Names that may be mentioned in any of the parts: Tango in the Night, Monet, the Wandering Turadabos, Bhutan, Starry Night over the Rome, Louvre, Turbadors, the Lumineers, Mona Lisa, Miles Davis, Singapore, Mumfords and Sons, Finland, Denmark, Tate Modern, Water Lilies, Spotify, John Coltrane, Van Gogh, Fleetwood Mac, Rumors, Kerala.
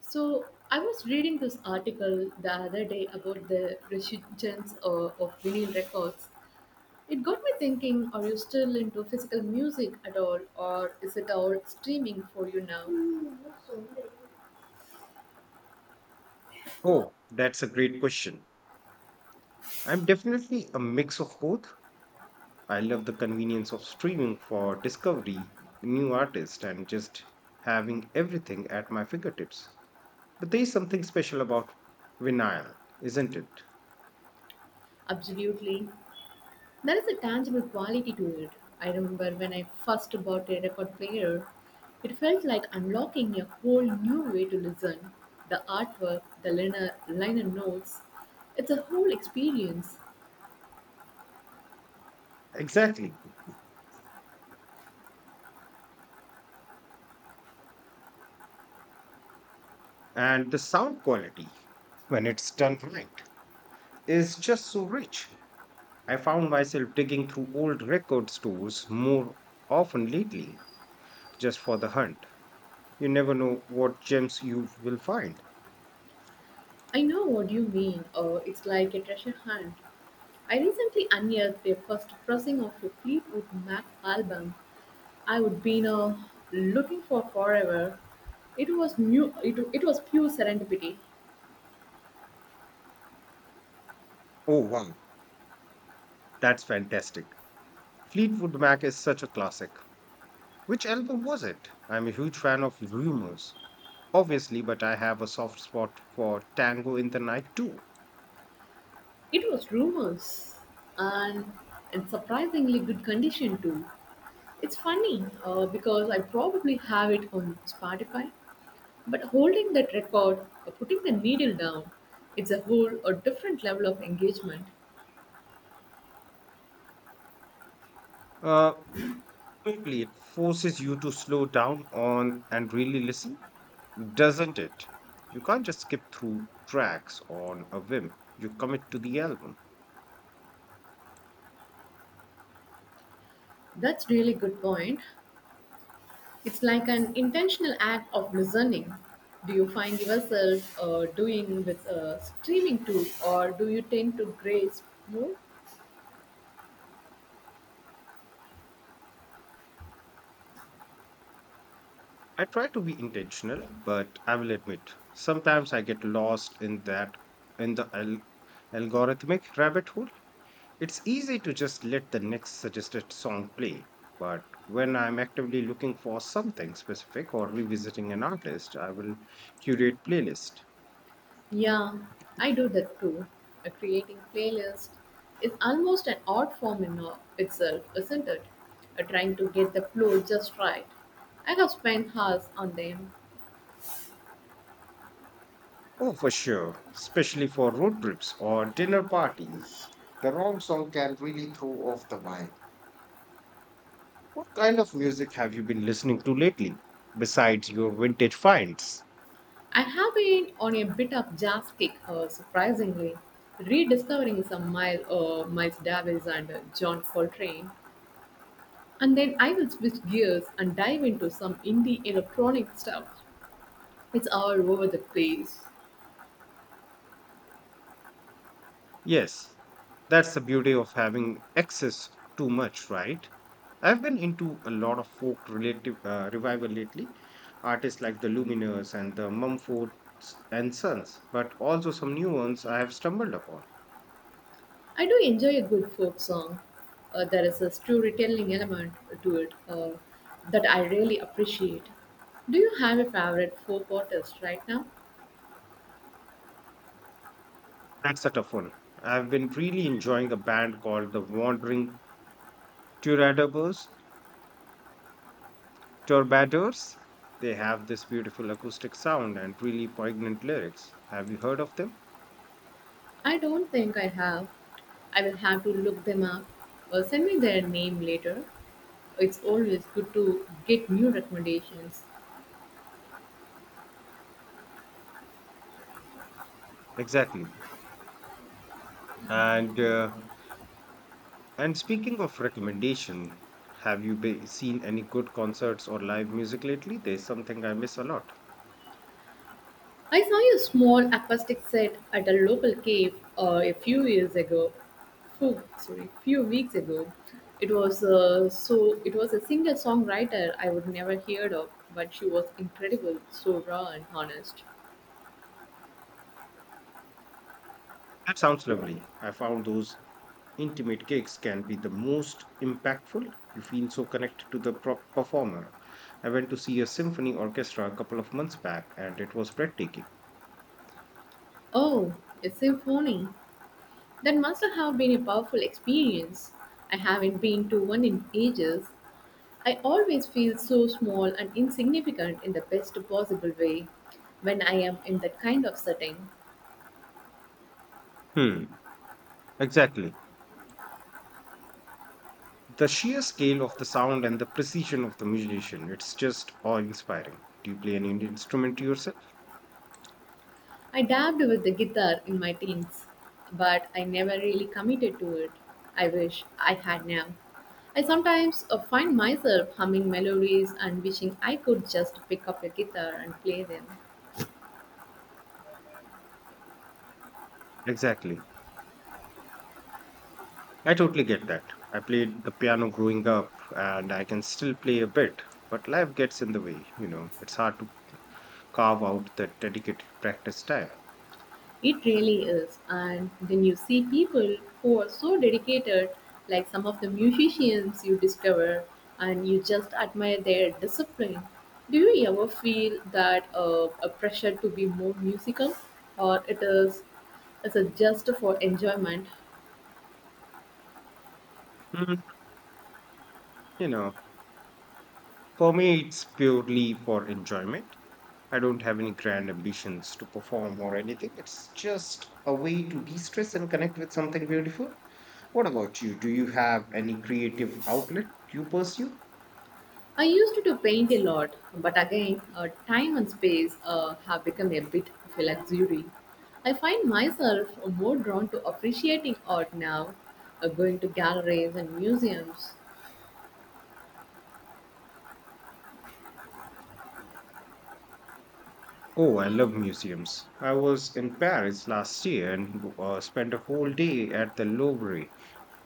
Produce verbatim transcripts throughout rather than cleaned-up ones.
So I was reading this article the other day about the resurgence of, of vinyl records. It got me thinking: Are you still into physical music at all, or is it all streaming for you now? Oh, that's a great question. I'm definitely a mix of both. I love the convenience of streaming for discovery, new artists, and just having everything at my fingertips. But there is something special about vinyl, isn't it? Absolutely, there is a tangible quality to it. I remember when I first bought a record player, it felt like unlocking a whole new way to listen. The artwork, the liner, liner notes, it's a whole experience. Exactly. And the sound quality, when it's done right, is just so rich. I found myself digging through old record stores more often lately, just for the hunt. You never know what gems you will find. I know what you mean. Uh, it's like a treasure hunt. I recently unearthed the first pressing of a Fleetwood Mac album I would been uh, looking for forever. It was new. It, it was pure serendipity. Oh, wow. That's fantastic. Fleetwood Mac is such a classic. Which album was it? I'm a huge fan of Rumors, obviously, but I have a soft spot for Tango in the Night too. It was rumors, and in surprisingly good condition too. It's funny uh, because I probably have it on Spotify, but holding that record, uh, putting the needle down, it's a whole a different level of engagement. Uh, totally, it forces you to slow down on and really listen, doesn't it? You can't just skip through tracks on a whim. You commit to the album. That's really good point. It's like an intentional act of listening. Do you find yourself uh, doing with a streaming tool, or do you tend to graze more? I try to be intentional, but I will admit, sometimes I get lost in that in the al- algorithmic rabbit hole. It's easy to just let the next suggested song play, but when I'm actively looking for something specific or revisiting an artist, I will curate playlist. Yeah, I do that too. Uh, creating playlist is almost an art form in uh, itself, isn't it? Uh, trying to get the flow just right. I have spent hours on them. Oh, for sure, especially for road trips or dinner parties. The wrong song can really throw off the vibe. What kind of music have you been listening to lately, besides your vintage finds? I have been on a bit of jazz kick, uh, surprisingly, rediscovering some Miles, uh, Miles Davis and uh, John Coltrane. And then I will switch gears and dive into some indie electronic stuff. It's all over the place. Yes, that's the beauty of having access too much, right? I've been into a lot of folk relative uh, revival lately, artists like the Lumineers and the Mumfords and Sons, but also some new ones I have stumbled upon. I do enjoy a good folk song. Uh, there is a storytelling element to it uh, that I really appreciate. Do you have a favorite folk artist right now? That's a tough one. I've been really enjoying a band called the Wandering Turadabos, Turbadors. They have this beautiful acoustic sound and really poignant lyrics. Have you heard of them? I don't think I have. I will have to look them up. Well, send me their name later. It's always good to get new recommendations. Exactly. And uh, and speaking of recommendation, have you be seen any good concerts or live music lately? There's something I miss a lot. I saw a small acoustic set at a local cave uh, a few years ago. Few, sorry, few weeks ago. It was uh, so. It was a singer songwriter I would never heard of, but she was incredible, so raw and honest. That sounds lovely. I found those intimate gigs can be the most impactful. You feel so connected to the pro- performer. I went to see a symphony orchestra a couple of months back and it was breathtaking. Oh, a symphony. That must have been a powerful experience. I haven't been to one in ages. I always feel so small and insignificant in the best possible way when I am in that kind of setting. Hmm, exactly. The sheer scale of the sound and the precision of the musician, it's just awe inspiring. Do you play any instrument yourself? I dabbed with the guitar in my teens, but I never really committed to it. I wish I had now. I sometimes uh, find myself humming melodies and wishing I could just pick up a guitar and play them. Exactly. I totally get that. I played the piano growing up and I can still play a bit, but life gets in the way, you know it's hard to carve out that dedicated practice time. It really is. And then you see people who are so dedicated, like some of the musicians you discover, and you just admire their discipline. Do you ever feel that uh, a pressure to be more musical, or it is is it just for enjoyment? Hmm. You know, for me, it's purely for enjoyment. I don't have any grand ambitions to perform or anything. It's just a way to de stress and connect with something beautiful. What about you? Do you have any creative outlet you pursue? I used to paint a lot, but again, uh, time and space uh, have become a bit of a luxury. I find myself more drawn to appreciating art now, uh, going to galleries and museums. Oh, I love museums. I was in Paris last year and uh, spent a whole day at the Louvre.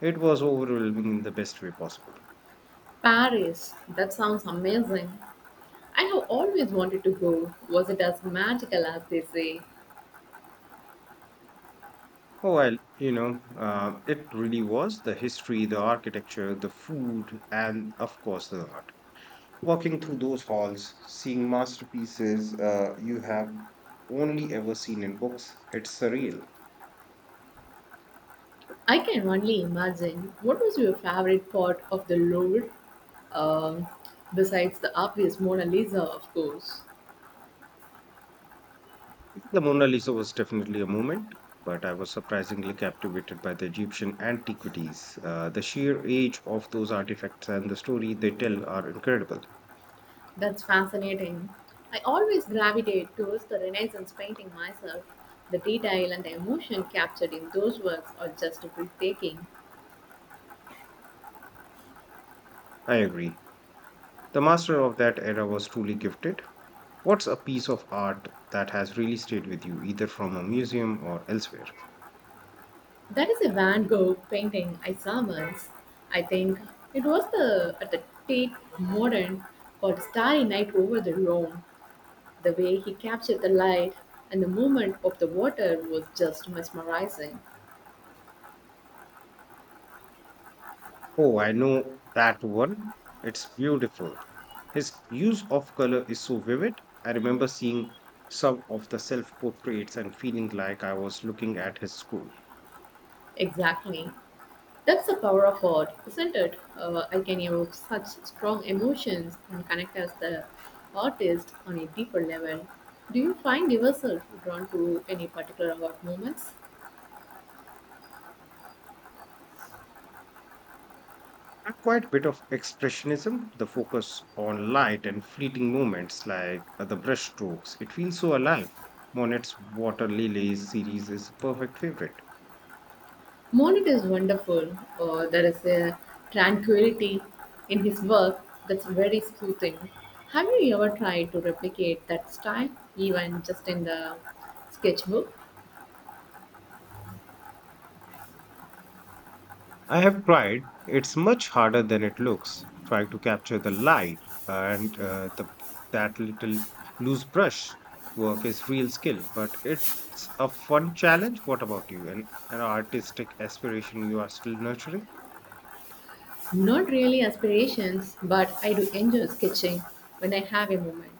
It was overwhelming in the best way possible. Paris, that sounds amazing. I have always wanted to go. Was it as magical as they say? Oh, well, you know, uh, it really was the history, the architecture, the food, and of course the art. Walking through those halls, seeing masterpieces uh, you have only ever seen in books, it's surreal. I can only imagine. What was your favorite part of the Louvre? Um, besides the obvious Mona Lisa, of course. The Mona Lisa was definitely a moment, but I was surprisingly captivated by the Egyptian antiquities. Uh, the sheer age of those artifacts and the story they tell are incredible. That's fascinating. I always gravitate towards the Renaissance painting myself. The detail and the emotion captured in those works are just breathtaking. I agree. The master of that era was truly gifted. What's a piece of art that has really stayed with you, either from a museum or elsewhere? That is a Van Gogh painting I saw once. I think it was the at the Tate Modern called Starry Night over the Rome. The way he captured the light and the movement of the water was just mesmerizing. Oh, I know that one. It's beautiful. His use of color is so vivid. I remember seeing some of the self portraits and feeling like I was looking at his school. Exactly. That's the power of art, isn't it? Uh, I can evoke such strong emotions and connect as the artist on a deeper level. Do you find yourself drawn to any particular art moments? And quite a bit of expressionism, the focus on light and fleeting moments like uh, the brush strokes. It feels so alive. Monet's Water Lilies series is a perfect favorite. Monet is wonderful. Uh, there is a tranquility in his work that's very soothing. Have you ever tried to replicate that style, even just in the sketchbook? I have tried. It's much harder than it looks. Trying to capture the light and uh, the that little loose brush work is real skill, but it's a fun challenge. What about you? An, an artistic aspiration you are still nurturing? Not really aspirations, but I do enjoy sketching when I have a moment.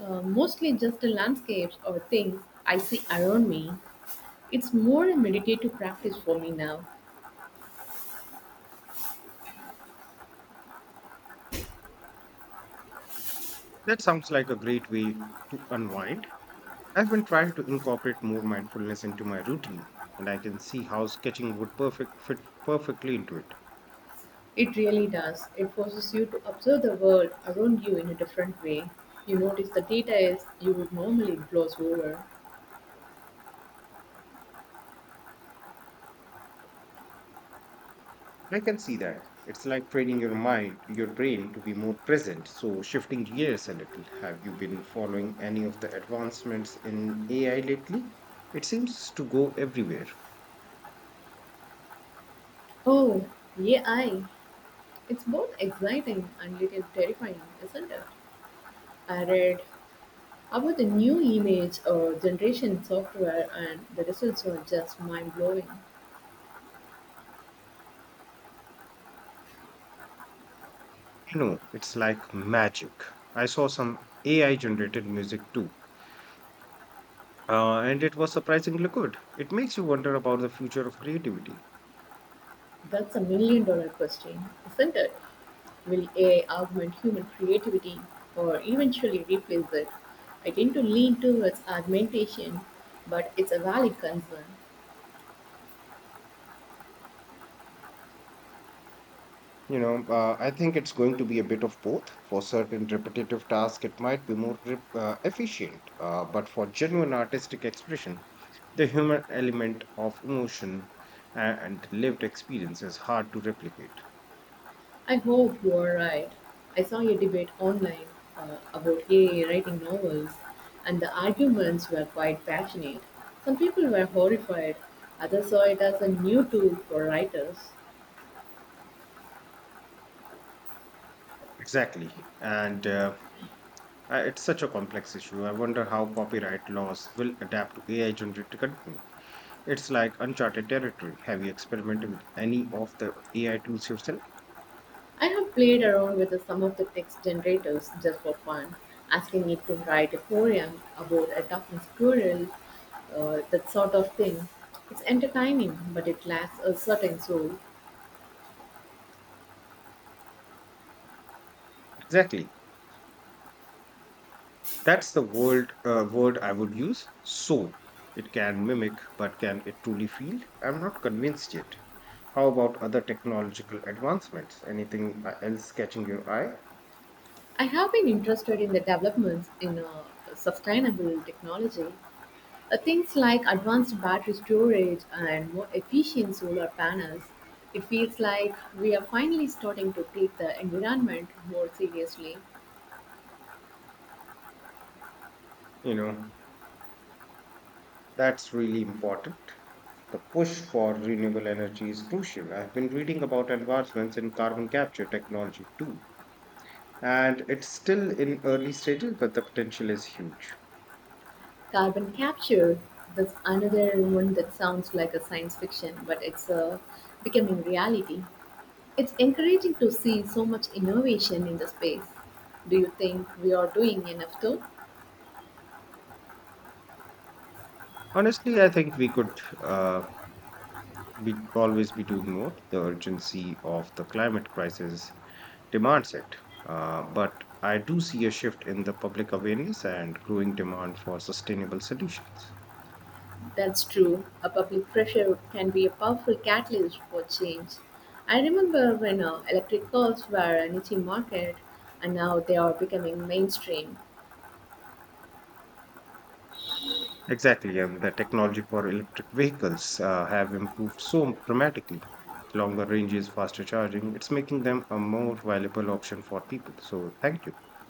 uh, Mostly just the landscapes or things I see around me. It's more a meditative practice for me now. That sounds like a great way to unwind. I've been trying to incorporate more mindfulness into my routine, and I can see how sketching would perfect fit perfectly into it. It really does. It forces you to observe the world around you in a different way. You notice the details you would normally gloss over. I can see that. It's like training your mind, your brain to be more present. So, shifting gears a little, have you been following any of the advancements in A I lately? It seems to go everywhere. Oh, yeah, I. It's both exciting and little terrifying, isn't it? I read about the new image or generation software, and the results are just mind blowing. You know, it's like magic. I saw some A I generated music too, uh, and it was surprisingly good. It makes you wonder about the future of creativity. That's a million dollar question, isn't it? Will A I augment human creativity or eventually replace it? I tend to lean towards augmentation, but it's a valid concern. You know, uh, I think it's going to be a bit of both. For certain repetitive tasks, it might be more rep- uh, efficient, uh, but for genuine artistic expression, the human element of emotion uh, and lived experience is hard to replicate. I hope you are right. I saw a debate online uh, about A I writing novels, and the arguments were quite passionate. Some people were horrified, others saw it as a new tool for writers. Exactly. And uh, I- it's such a complex issue. I wonder how copyright laws will adapt to A I generated content. It's like uncharted territory. Have you experimented with any of the A I tools yourself? I have played around with some of the text generators just for fun, asking it to write a poem about a talking squirrel, uh, that sort of thing. It's entertaining, but it lacks a certain soul. Exactly. That's the word uh, word I would use. So it can mimic, but can it truly feel? I'm not convinced yet. How about other technological advancements? Anything uh, else catching your eye? I have been interested in the developments in uh, sustainable technology, uh, things like advanced battery storage and more efficient solar panels. It feels like we are finally starting to take the environment more seriously. You know, that's really important. The push for renewable energy is crucial. I've been reading about advancements in carbon capture technology too, and it's still in early stages, but the potential is huge. Carbon capture, that's another one that sounds like a science fiction, but it's uh, becoming reality. It's encouraging to see so much innovation in the space. Do you think we are doing enough though? Honestly, I think we could uh, be always be doing more. The urgency of the climate crisis demands it. Uh, but I do see a shift in the public awareness and growing demand for sustainable solutions. That's true. A public pressure can be a powerful catalyst for change. I remember when uh, electric cars were a niche market and now they are becoming mainstream. Exactly, and the technology for electric vehicles uh, have improved so dramatically. Longer ranges, faster charging, it's making them a more valuable option for people. So, thank you.